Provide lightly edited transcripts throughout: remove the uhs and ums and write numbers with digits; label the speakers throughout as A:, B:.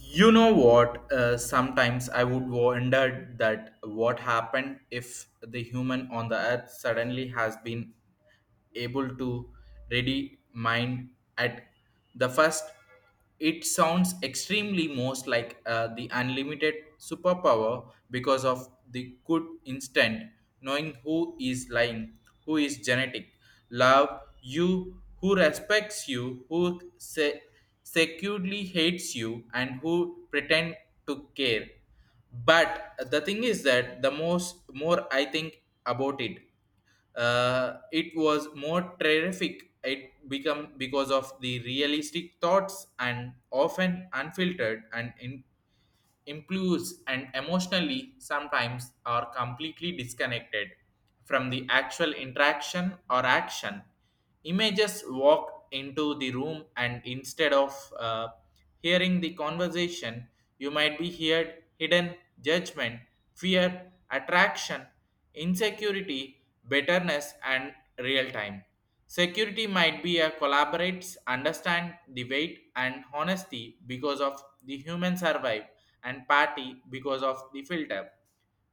A: You know what? Sometimes I would wonder that what happened if the human on the earth suddenly has been able to ready mind at the first. It sounds extremely most like the unlimited superpower because of the good instant knowing who is lying, who is genetic, love you, who respects you, who say securely hates you and who pretend to care. But the thing is that the most more I think about it, it was more terrific. It become because of the realistic thoughts and often unfiltered and impulse and emotionally sometimes are completely disconnected from the actual interaction or action images walk into the room, and instead of hearing the conversation you might be heard hidden judgment, fear, attraction, insecurity, bitterness and real time security might be a collaborates, understand the weight and honesty because of the human survive and party because of the filter.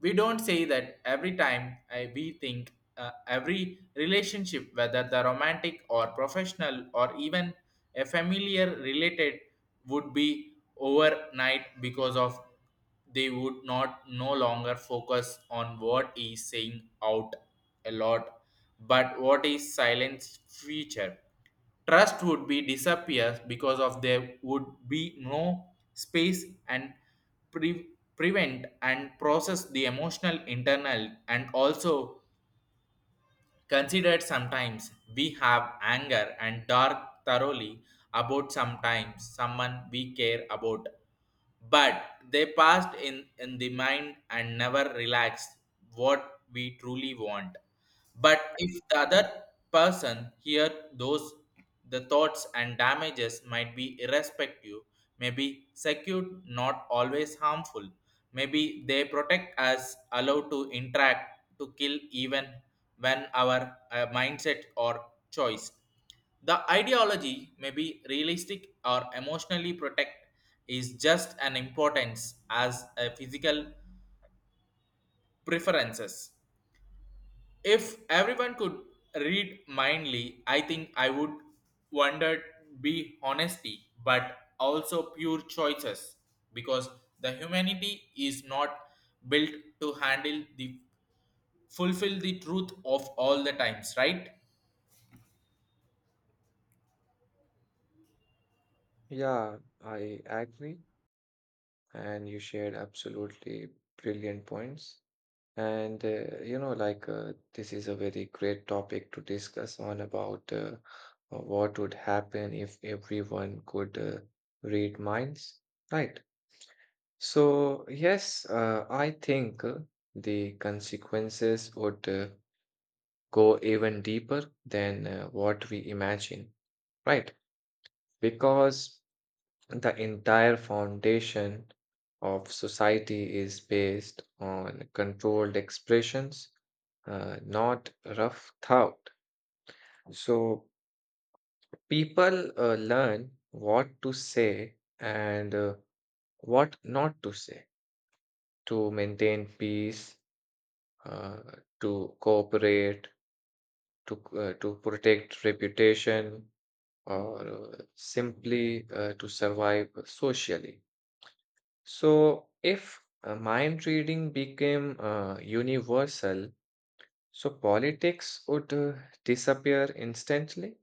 A: We don't say that every time we think every relationship, whether the romantic or professional or even a familiar related, would be overnight because of they would not no longer focus on what is saying out a lot but what is silent feature, trust would be disappears because of there would be no space and pre- prevent and process the emotional internal, and also considered sometimes we have anger and dark thoroughly about sometimes someone we care about, but they passed in the mind and never relaxed what we truly want. But if the other person hear those the thoughts and damages might be irrespective, maybe secured, not always harmful. Maybe they protect us, allow to interact, to kill even when our mindset or choice. The ideology may be realistic or emotionally protect is just an importance as a physical preferences. If everyone could read mindly, I think I would wonder be honesty, but also pure choices because the humanity is not built to handle the fulfill the truth of all the times, right?
B: Yeah, I agree. And you shared absolutely brilliant points. And, you know, like This is a very great topic to discuss on about what would happen if everyone could read minds, right? So yes, I think the consequences would go even deeper than what we imagine, right? Because the entire foundation of society is based on controlled expressions, not rough thought. So people learn what to say and what not to say to maintain peace, uh, to cooperate, to protect reputation, or simply to survive socially. So, if mind reading became universal, so politics would disappear instantly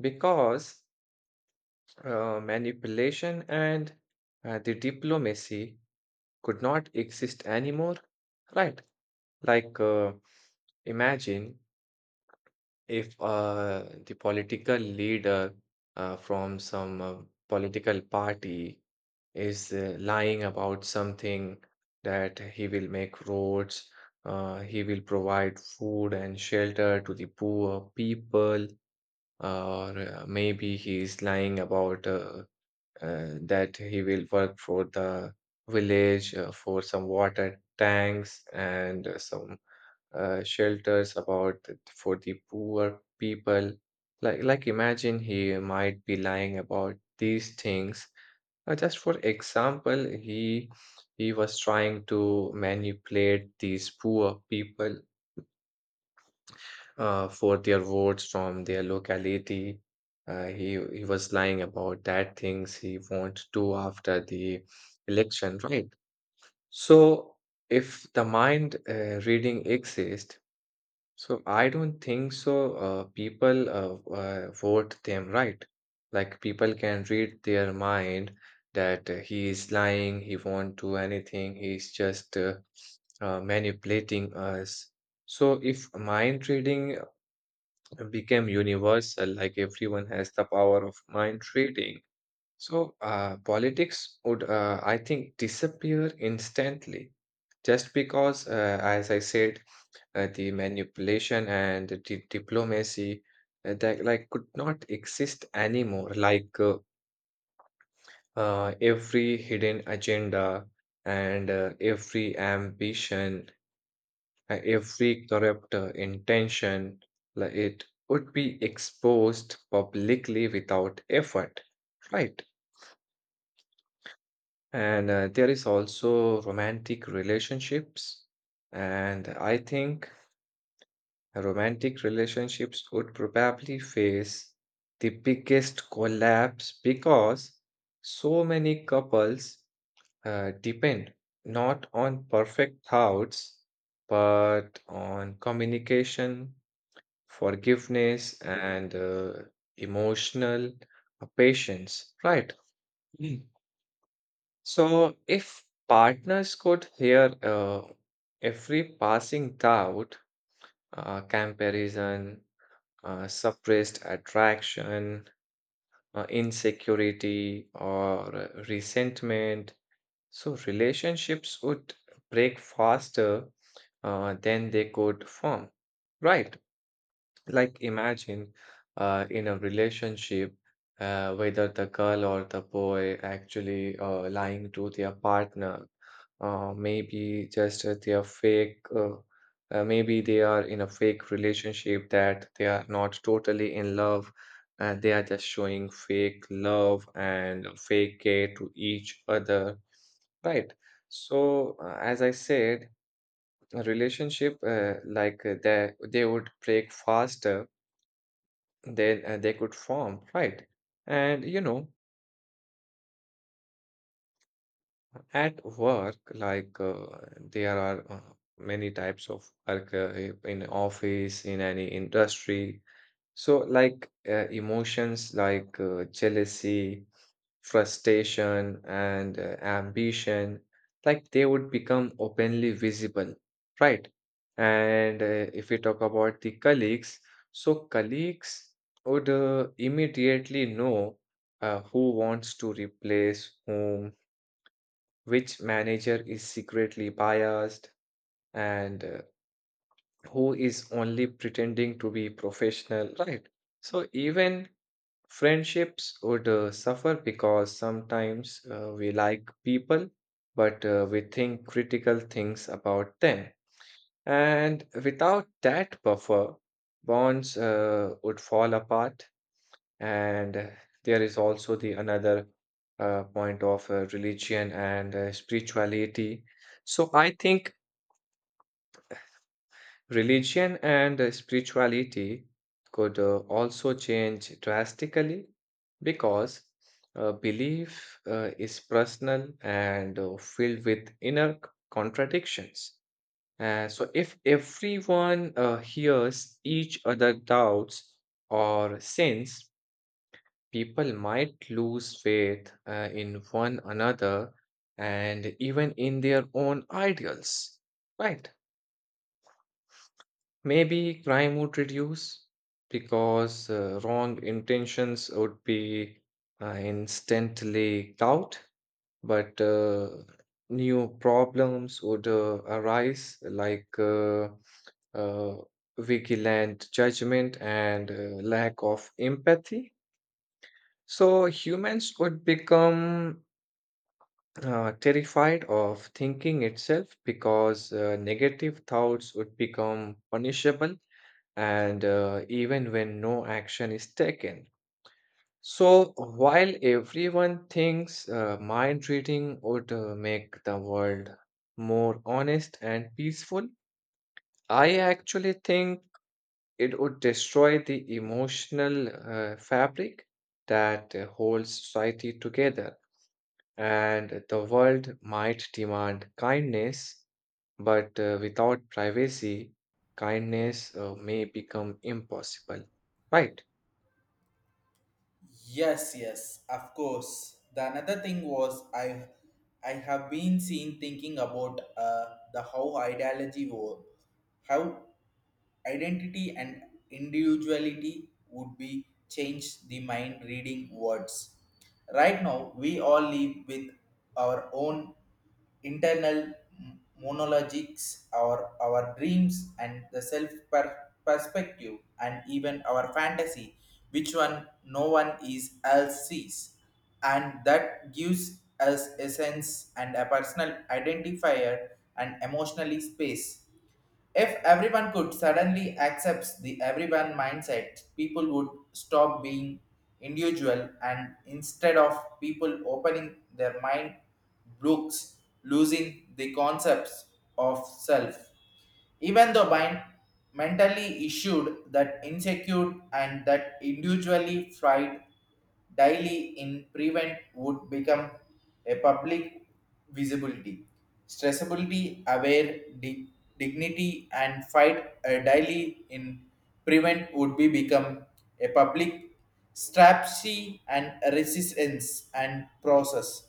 B: because manipulation and the diplomacy could not exist anymore, right? Like, uh, imagine if the political leader from some political party is lying about something, that he will make roads, he will provide food and shelter to the poor people, or maybe he is lying about that he will work for the village for some water tanks and some shelters for the poor people. Like, imagine he might be lying about these things, just for example, he was trying to manipulate these poor people for their votes from their locality. Uh, he he was lying about that things he wants to after the election, right? So if the mind reading exists, so I don't think so. People vote them right. Like people can read their mind, that he is lying, he won't do anything, he's just manipulating us. So if mind reading became universal, like everyone has the power of mind reading, so politics would, I think, disappear instantly. Just because, as I said, the manipulation and diplomacy that like could not exist anymore, every hidden agenda and every ambition, every corrupt intention, like it would be exposed publicly without effort, right? And there is also romantic relationships, and I think romantic relationships would probably face the biggest collapse because so many couples depend not on perfect thoughts but on communication, forgiveness, and emotional patience, right? Mm. So, if partners could hear every passing thought, comparison, suppressed attraction, insecurity, or resentment, so relationships would break faster than they could form. Right. Like, imagine in a relationship, whether the girl or the boy actually lying to their partner, maybe just they are fake, maybe they are in a fake relationship, that they are not totally in love and they are just showing fake love and fake care to each other, right? So as I said, a relationship, they would break faster than they could form, right? And you know, at work, there are many types of work in office, in any industry. So, like emotions like jealousy, frustration, and ambition, like they would become openly visible, right? And if we talk about the colleagues, so colleagues would immediately know who wants to replace whom, which manager is secretly biased, and who is only pretending to be professional, right? So, even friendships would suffer, because sometimes we like people, but we think critical things about them. And without that buffer, bonds would fall apart. And there is also the another point of religion and spirituality. So I think religion and spirituality could also change drastically, because belief is personal and filled with inner contradictions. So if everyone hears each other doubts or sins, people might lose faith in one another and even in their own ideals. Right? Maybe crime would reduce because wrong intentions would be instantly out, but new problems would arise, like uh, vigilant judgment and lack of empathy. So humans would become terrified of thinking itself, because negative thoughts would become punishable and even when no action is taken. So, while everyone thinks mind reading would make the world more honest and peaceful, I actually think it would destroy the emotional fabric that holds society together, and the world might demand kindness. But without privacy, kindness may become impossible. Right?
A: Yes, yes, of course. The another thing was I have been seen thinking about the how ideology was, how identity and individuality would be changed the mind reading words. Right now we all live with our own internal monologues, our dreams and the self perspective and even our fantasy, which one no one is else sees, and that gives us a sense and a personal identifier and emotionally space. If everyone could suddenly accept the everyone mindset, people would stop being individual, and instead of people opening their mind books, losing the concepts of self. Even though mind mentally issued that insecure and that individually fried daily in prevent would become a public visibility, stressability, aware dignity, and fight a daily in prevent would be become a public strategy and resistance and process,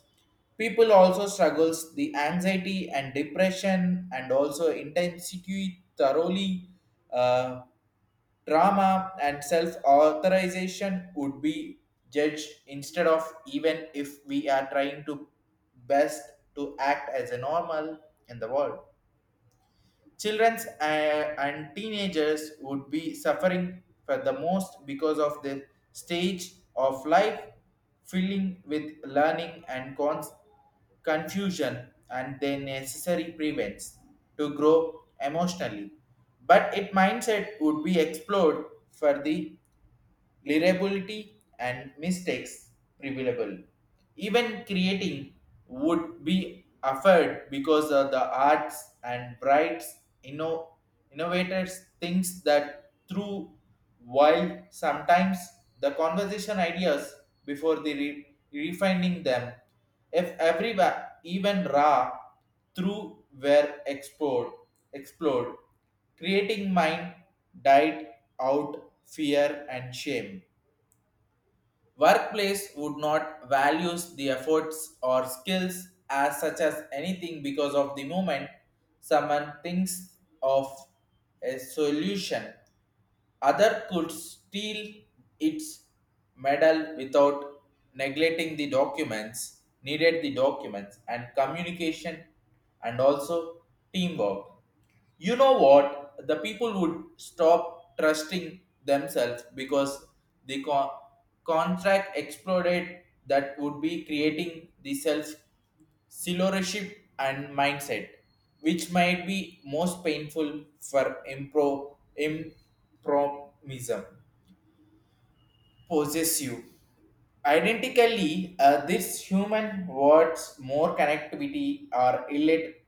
A: people also struggles the anxiety and depression and also intensity thoroughly, uh, trauma and self authorization would be judged instead, of even if we are trying to best to act as a normal in the world. Children and teenagers would be suffering for the most because of the stage of life filling with learning and confusion and their necessary prevents to grow emotionally. But its mindset would be explored for the liability and mistakes prevailable. Even creating would be affected because of the arts and brights inno- innovators thinks that through, while sometimes the conversation ideas before the refining them, if every even raw through were explored. Creating mind died out fear and shame. Workplace would not values the efforts or skills as such as anything, because of the moment someone thinks of a solution, other could steal its medal without neglecting the documents, needed the documents and communication and also teamwork. You know what, the people would stop trusting themselves because the contract exploded, that would be creating the self silvership and mindset, which might be most painful for impromism possessive. Identically, this human words more connectivity or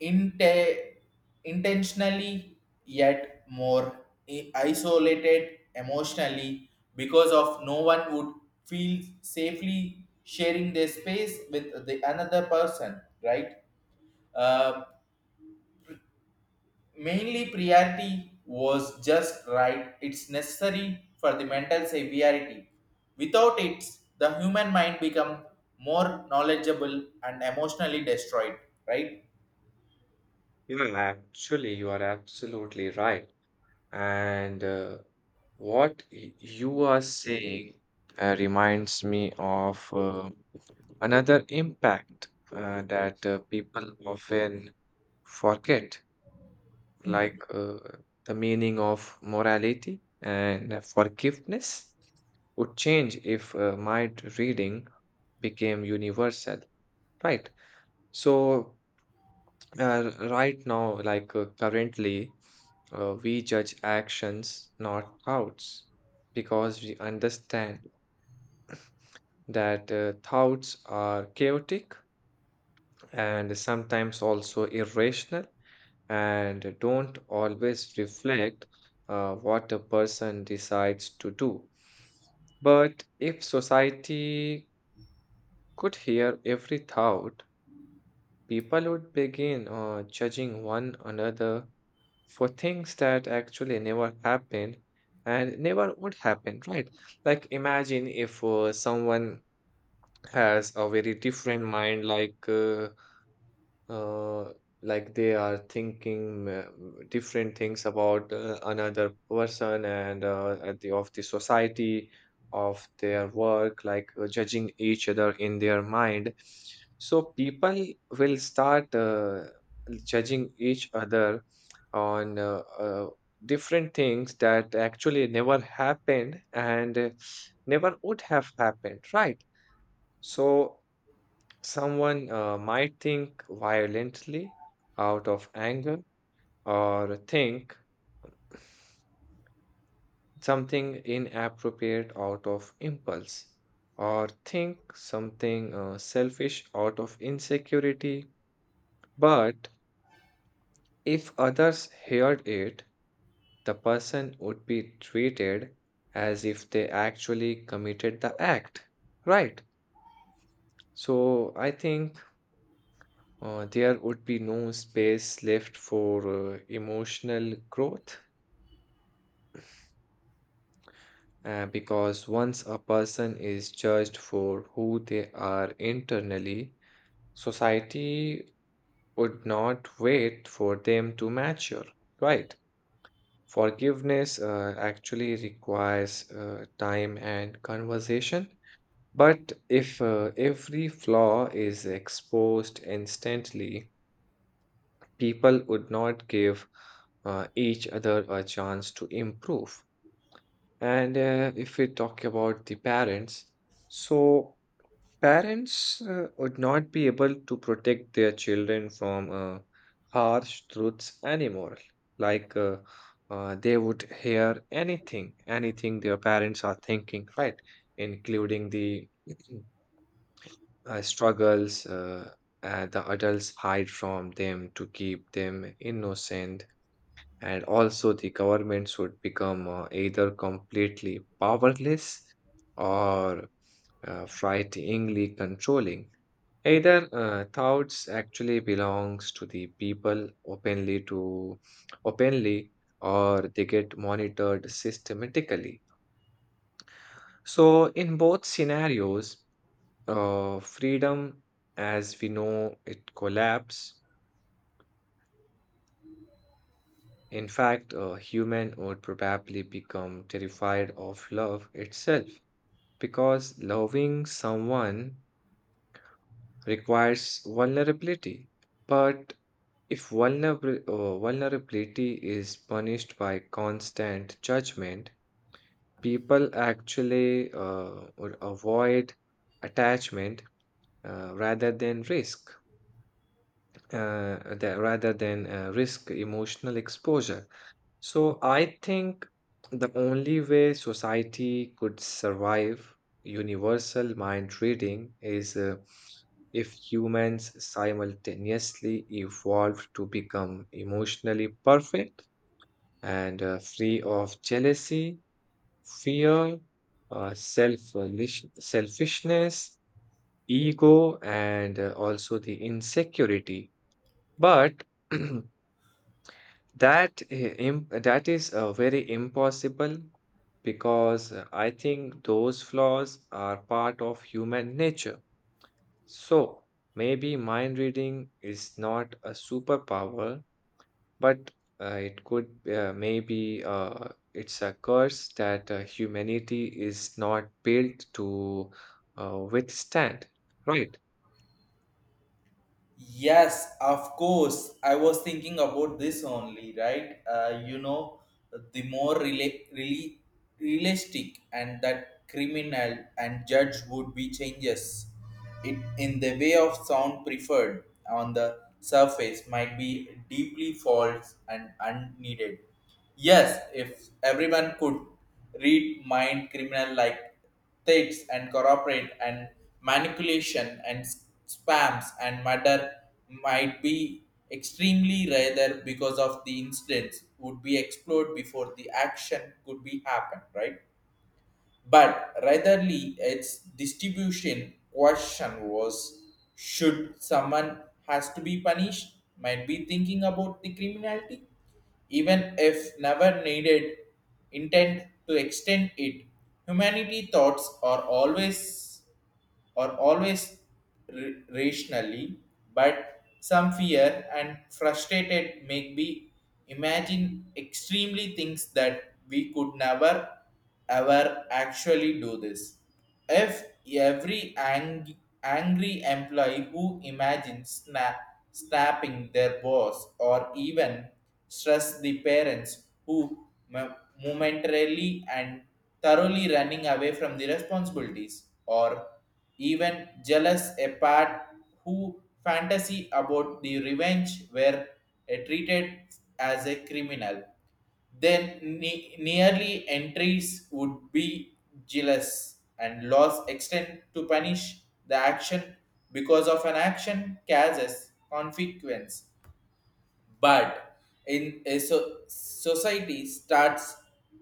A: inte- intentionally, yet more isolated emotionally because of no one would feel safely sharing their space with the another person, right? Uh, mainly priority was just right, it's necessary for the mental severity. Without it the human mind become more knowledgeable and emotionally destroyed, right?
B: Yeah, actually, you are absolutely right. And what you are saying reminds me of another impact that people often forget,
A: Hmm.
B: like the meaning of morality and forgiveness would change if reading became universal, right? So, right now, currently, we judge actions, not thoughts, because we understand that thoughts are chaotic and sometimes also irrational, and don't always reflect what a person decides to do. But if society could hear every thought, people would begin judging one another for things that actually never happened and never would happen, right? Like, imagine if someone has a very different mind, uh, like they are thinking different things about another person and at the of the society of their work, like judging each other in their mind. So people will start judging each other on different things that actually never happened and never would have happened, right? So someone might think violently out of anger, or think something inappropriate out of impulse, or think something selfish out of insecurity. But if others heard it, the person would be treated as if they actually committed the act. Right. So I think there would be no space left for emotional growth. Because once a person is judged for who they are internally, society would not wait for them to mature, right? Forgiveness actually requires time and conversation. But if every flaw is exposed instantly, people would not give each other a chance to improve. And if we talk about the parents, so parents would not be able to protect their children from harsh truths anymore. Like they would hear anything, anything their parents are thinking, right? Including the struggles the adults hide from them to keep them innocent. And also, the governments would become either completely powerless or frighteningly controlling. Either thoughts actually belongs to the people openly, to openly, or they get monitored systematically. So in both scenarios, freedom as we know it collapse. In fact, a human would probably become terrified of love itself, because loving someone requires vulnerability. But if vulnerability is punished by constant judgment, people actually would avoid attachment rather than risk, that rather than risk emotional exposure. So I think the only way society could survive universal mind reading is if humans simultaneously evolved to become emotionally perfect and free of jealousy, fear, uh, self selfishness, ego, and also the insecurity. But That i- that is very impossible, because I think those flaws are part of human nature. So maybe mind reading is not a superpower, but it could maybe it's a curse that humanity is not built to withstand. Right?
A: Yes, of course. I was thinking about this only, right? The more really realistic and that criminal and judge would be changes. It in the way of sound preferred on the surface might be deeply false and unneeded. Yes, if everyone could read mind, criminal like threats and corporate and manipulation and spams and murder might be extremely rather, because of the incidents would be explored before the action could be happened, right? But ratherly its distribution question was, should someone has to be punished, might be thinking about the criminality even if never needed intent to extend it. Humanity thoughts are always or always rationally, but some fear and frustrated make me imagine extremely things that we could never ever actually do this. If every angry employee who imagines snapping their boss, or even stress the parents who momentarily and thoroughly running away from the responsibilities, or even jealous a part who fantasy about the revenge were treated as a criminal, then nearly entries would be jealous and laws extend to punish the action, because of an action causes consequence. But in a society starts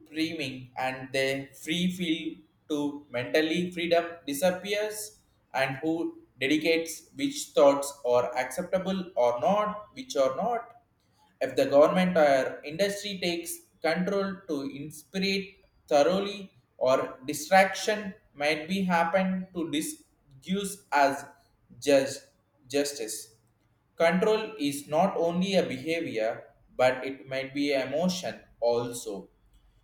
A: screaming and the free field to mentally freedom disappears, and who dedicates which thoughts are acceptable or not, which are not, if the government or industry takes control to inspire thoroughly, or distraction might be happen to disuse as judge justice. Control is not only a behavior, but it might be emotion also.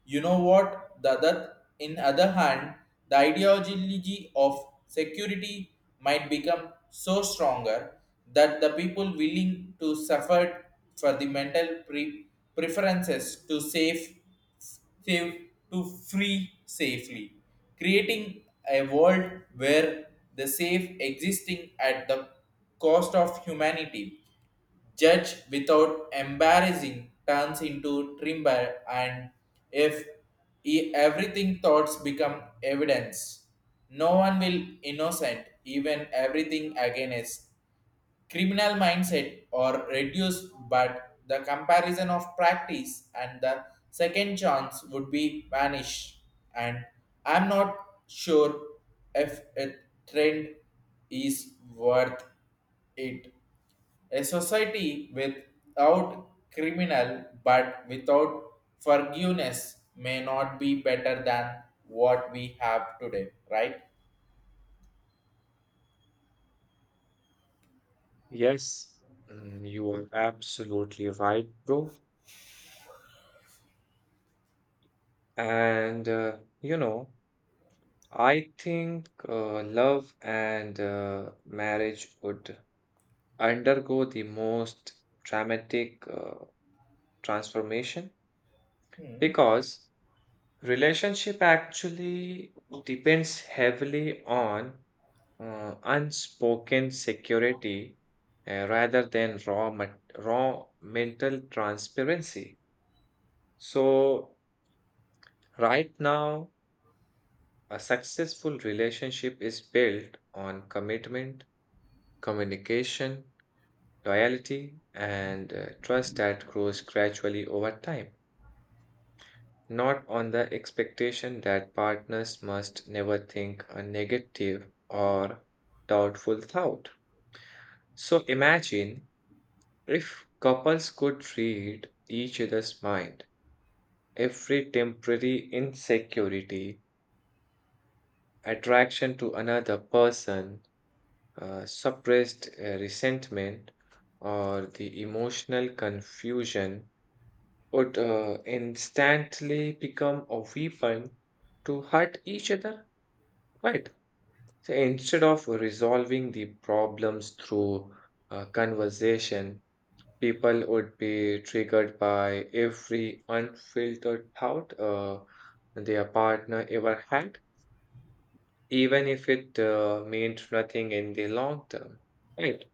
A: You know what? The other, in other hand, the ideology of security might become so stronger that the people willing to suffer for the mental preferences to safe, to free safely, creating a world where the safe existing at the cost of humanity. Judge without embarrassing turns into trimber, and if everything thoughts become evidence, no one will innocent. Even everything again is criminal mindset or reduced, but the comparison of practice and the second chance would be vanished. And I'm not sure if a trend is worth it. A society without criminal but without forgiveness may not be better than what we have today, right?
B: Yes, mm, you are absolutely right, bro. And you know, I think love and marriage would undergo the most dramatic transformation,
A: Hmm.
B: because relationship actually depends heavily on unspoken security rather than raw mental transparency. So right now, a successful relationship is built on commitment, communication, loyalty, and trust that grows gradually over time, not on the expectation that partners must never think a negative or doubtful thought. So imagine if couples could read each other's mind, every temporary insecurity, attraction to another person, suppressed resentment, or the emotional confusion would instantly become a weapon to hurt each other, right? So instead of resolving the problems through conversation, people would be triggered by every unfiltered thought their partner ever had, even if it meant nothing in the long term, right?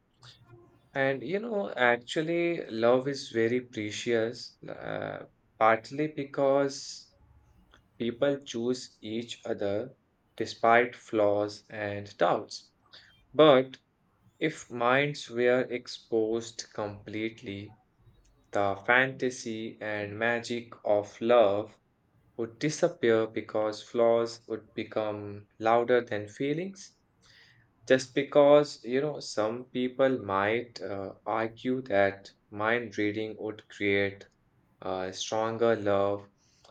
B: And you know, actually, love is very precious, partly because people choose each other despite flaws and doubts. But if minds were exposed completely, the fantasy and magic of love would disappear because flaws would become louder than feelings. Just because, you know, some people might argue that mind reading would create a stronger love,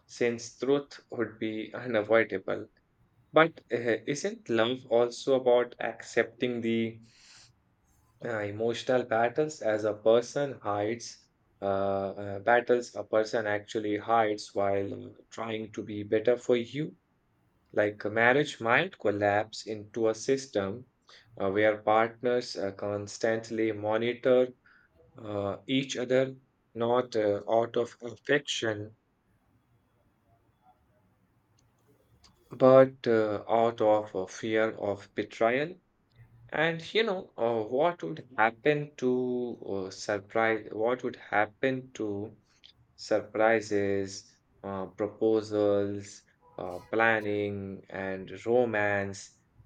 B: since truth would be unavoidable. But isn't love also about accepting the emotional battles as a person hides, battles a person actually hides while trying to be better for you? Like a marriage might collapse into a system where partners constantly monitor each other, not out of affection, but out of fear of betrayal. And what would happen to surprises, proposals, planning, and romance?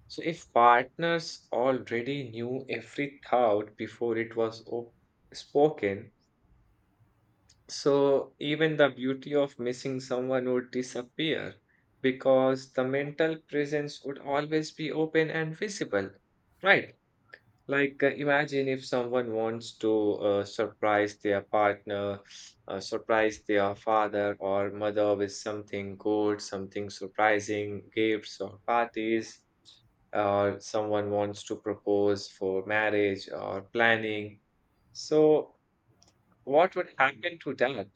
B: So, if partners already knew every thought before it was op spoken, so even the beauty of missing someone would disappear because the mental presence would always be open and visible, right? Like, imagine if someone wants to surprise their father or mother with something good, something surprising, gifts or parties, or someone wants to propose for marriage or planning. So, what would happen to that?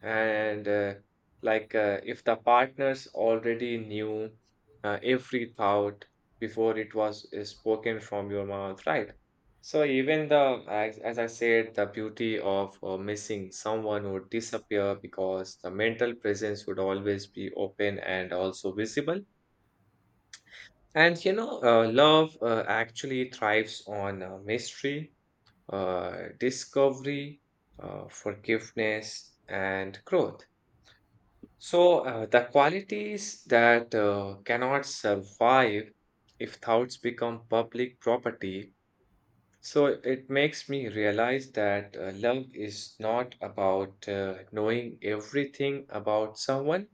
B: And if the partners already knew every thought before it was spoken from your mouth, right? So even , as I said, the beauty of missing someone would disappear because the mental presence would always be open and also visible. And love actually thrives on mystery, discovery, forgiveness and growth. So, the qualities that cannot survive if thoughts become public property. So, it makes me realize that love is not about knowing everything about someone.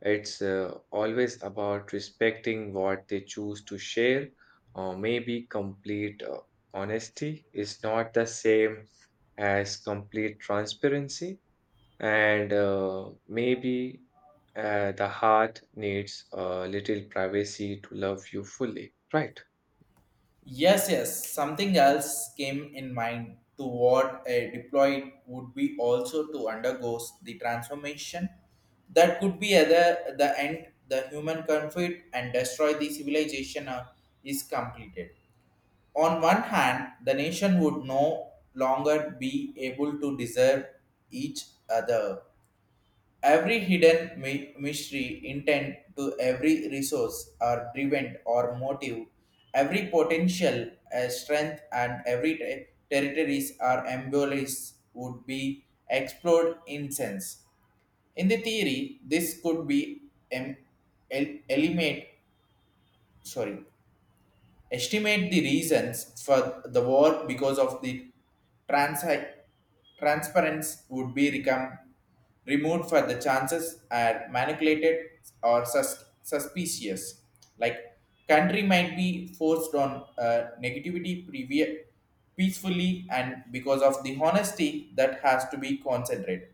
B: It's always about respecting what they choose to share, or maybe complete honesty is not the same as complete transparency. And maybe the heart needs a little privacy to love you fully, right?
A: Yes, yes. Something else came in mind to what a deployed would be also to undergo the transformation, that could be either the end, the human conflict, and destroy the civilization is completed. On one hand, the nation would no longer be able to deserve each other. Every hidden mystery, intent to every resource or driven or motive, every potential strength and every territories or ambulance would be explored in sense. In the theory, this could be em- eliminate, sorry, estimate the reasons for the war, because of the trans- transparency would be become removed for the chances are manipulated or suspicious. Like country might be forced on negativity peacefully, and because of the honesty that has to be concentrated.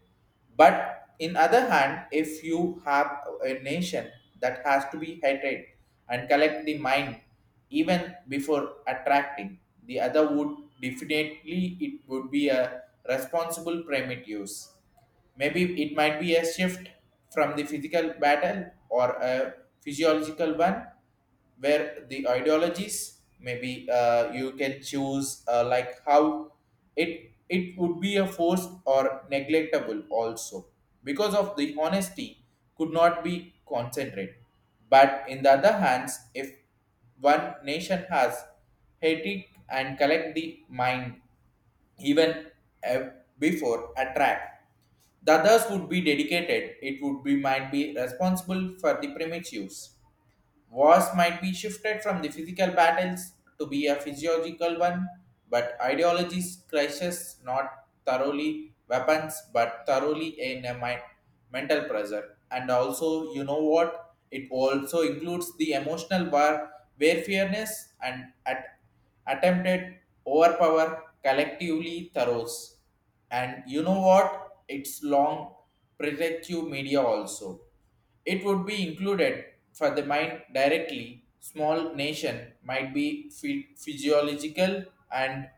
A: But in other hand, if you have a nation that has to be hated and collect the mind even before attracting, the other would definitely, it would be a responsible primitives. Maybe it might be a shift from the physical battle or a physiological one, where the ideologies maybe you can choose like how it would be a force or neglectable also, because of the honesty could not be concentrated. But in the other hands, if one nation has hatred and collect the mind even uh, before attract, the others would be dedicated, it would be might be responsible for the primitive use. Wars might be shifted from the physical battles to be a physiological one, but ideologies crashes not thoroughly weapons but thoroughly in a mind, mental pressure. And also, you know what? It also includes the emotional war where fairness and attempted overpower collectively throws. And you know what? It's long predictive media also. It would be included for the mind directly. Small nation might be physiological and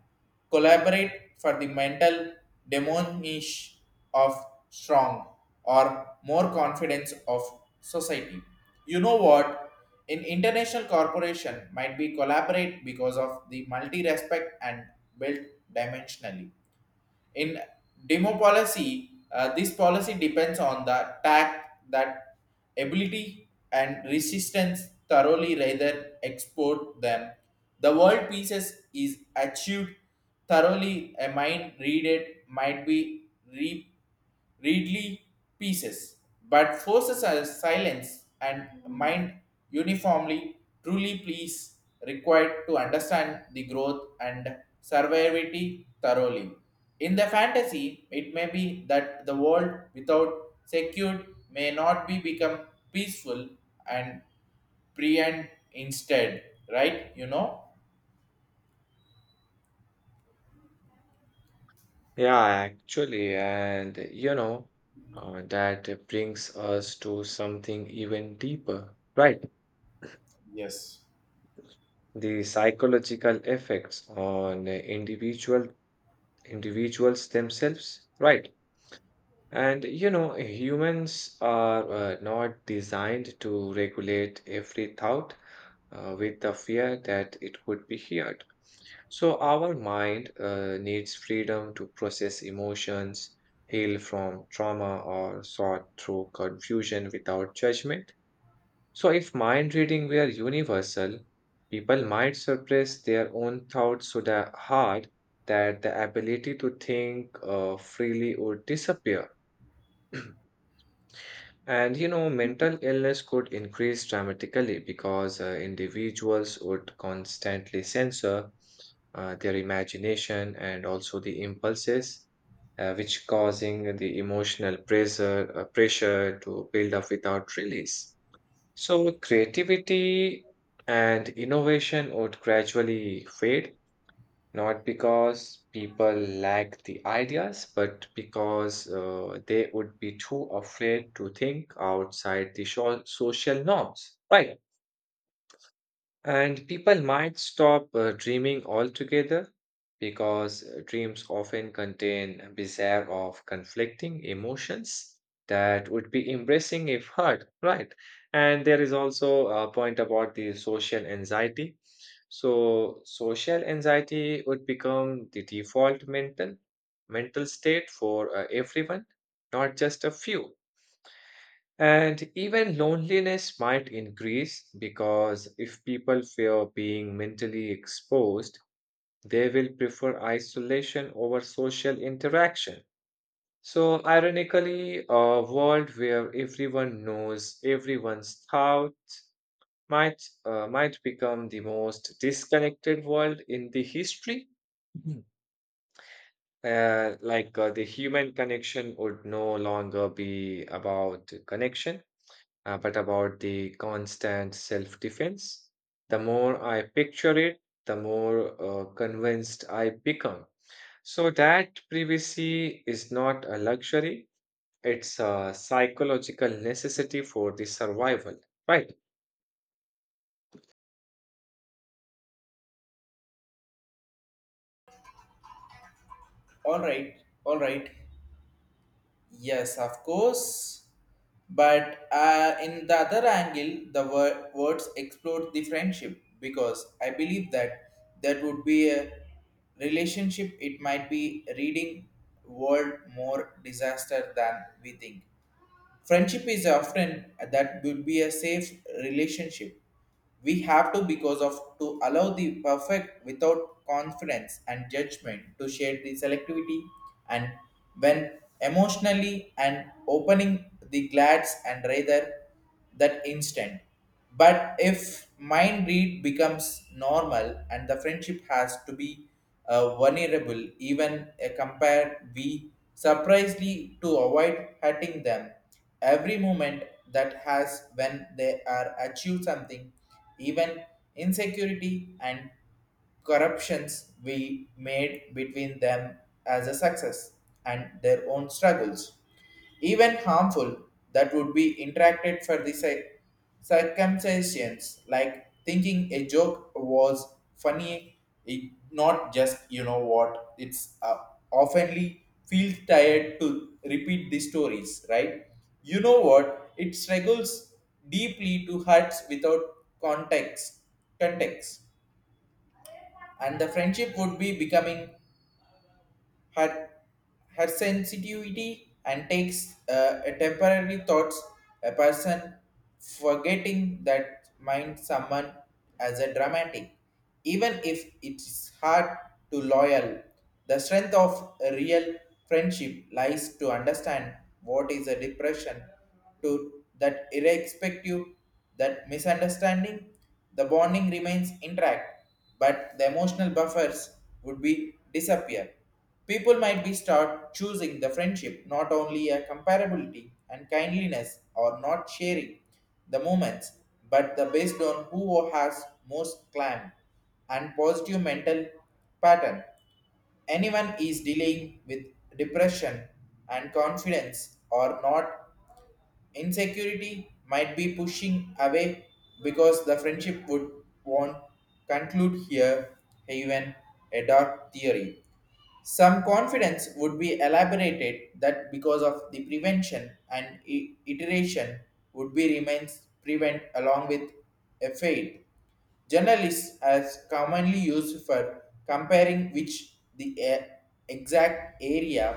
A: collaborate for the mental demonish of strong or more confidence of society. You know what? In international corporation might be collaborate because of the multi-respect and built dimensionally. In demo policy, this policy depends on the tact that ability and resistance thoroughly rather export them. The world pieces is achieved thoroughly a mind read, it might be reap readily pieces, but forces a silence and mind uniformly, truly please required to understand the growth and survivability thoroughly. In the fantasy, it may be that the world without secured may not be become peaceful and pre and instead, right? You know?
B: Yeah, actually. And you know, that brings us to something even deeper, right?
A: Yes.
B: The psychological effects on individuals themselves, right? And you know, humans are not designed to regulate every thought with the fear that it could be heard. So, our mind needs freedom to process emotions, heal from trauma, or sort through confusion without judgment. So, if mind reading were universal, people might suppress their own thoughts so that hard that the ability to think freely would disappear. And you know, mental illness could increase dramatically because individuals would constantly censor their imagination and also the impulses, which causing the emotional pressure to build up without release. So creativity and innovation would gradually fade, not because people lack the ideas, but because they would be too afraid to think outside the social norms, right? And people might stop dreaming altogether because dreams often contain bizarre of conflicting emotions that would be embracing if heard, right? And there is also a point about the social anxiety. So social anxiety would become the default mental state for everyone, not just a few. And even loneliness might increase because if people fear being mentally exposed, they will prefer isolation over social interaction. So, ironically, a world where everyone knows everyone's thoughts might become the most disconnected world in the history. Mhm. Like the human connection would no longer be about connection, but about the constant self defense. The more I picture it, the more convinced I become. So that privacy is not a luxury, it's a psychological necessity for the survival, right?
A: All right, all right. Yes, of course. But in the other angle, the words explode the friendship, because I believe that that would be a relationship. It might be reading world more disaster than we think. Friendship is often that would be a safe relationship. We have to, because of to allow the perfect without confidence and judgment to share the selectivity, and when emotionally and opening the glads, and rather that instant. But if mind read becomes normal and the friendship has to be vulnerable, even compared, we surprisingly to avoid hurting them. Every moment that has when they are achieve something, even insecurity and corruptions we made between them as a success, and their own struggles, even harmful that would be interacted for the circumstances, like thinking a joke was funny it not just. You know what, it's oftenly feel tired to repeat the stories, right? You know what, it struggles deeply to hearts without context context, and the friendship would be becoming her her sensitivity and takes a temporary thoughts, a person forgetting that mind someone as a dramatic, even if it's hard to loyal. The strength of a real friendship lies to understand what is a depression to that irrespective, that misunderstanding the bonding remains intact, but the emotional buffers would be disappear. People might be start choosing the friendship not only a comparability and kindliness or not sharing the moments, but the based on who has most climb and positive mental pattern. Anyone is dealing with depression and confidence or not, insecurity might be pushing away, because the friendship would want conclude here, even a dark theory. Some confidence would be elaborated, that because of the prevention and iteration would be remains prevent along with a fade. Journalists as commonly used for comparing which the exact area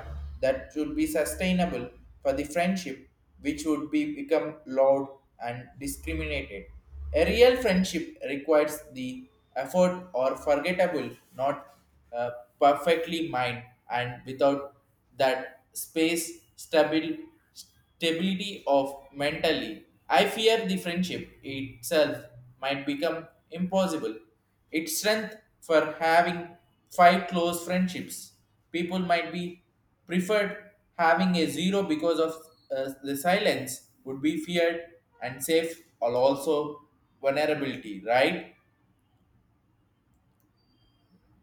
A: that should be sustainable for the friendship, which would be become loud and discriminated. A real friendship requires the effort or forgettable, not uh, perfectly mind, and without that space, stability of mentally, I fear the friendship itself might become impossible, its strength for having five close friendships. People might be preferred having a zero because of the silence would be feared and safe or also vulnerability, right?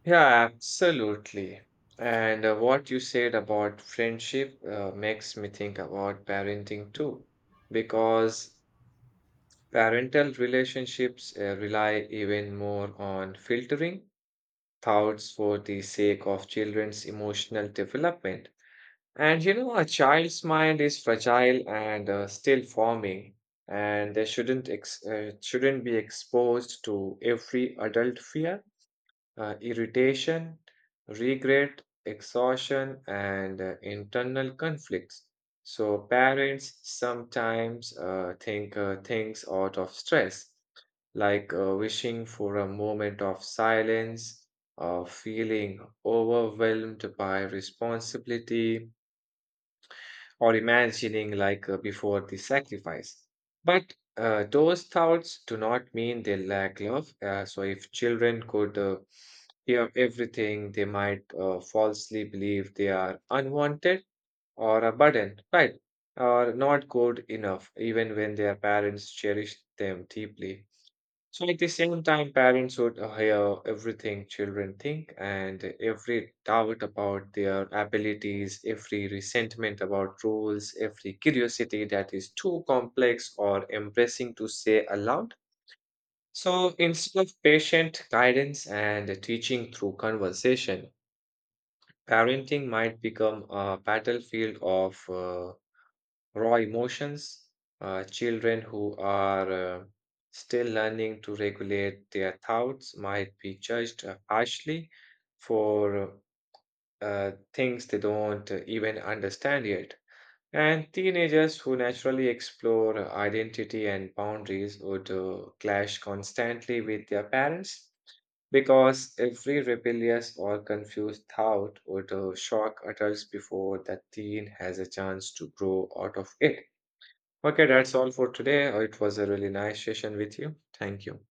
B: Yeah, absolutely. And what you said about friendship makes me think about parenting too, because parental relationships rely even more on filtering thoughts for the sake of children's emotional development. And you know, a child's mind is fragile and still forming, and they shouldn't be exposed to every adult fear, irritation, regret, exhaustion, and internal conflicts. So, parents sometimes think things out of stress, like wishing for a moment of silence or feeling overwhelmed by responsibility or imagining before the sacrifice. But those thoughts do not mean they lack love. So if children could hear everything, they might falsely believe they are unwanted or a burden, right? Or not good enough, even when their parents cherish them deeply. So at the same time, parents would hear everything children think, and every doubt about their abilities, every resentment about rules, every curiosity that is too complex or embarrassing to say aloud. So instead of patient guidance and teaching through conversation, parenting might become a battlefield of raw emotions. Children who are still learning to regulate their thoughts might be judged harshly for things they don't even understand yet. And teenagers who naturally explore identity and boundaries would clash constantly with their parents because every rebellious or confused thought would shock adults before the teen has a chance to grow out of it. Okay, that's all for today. It was a really nice session with you. Thank you.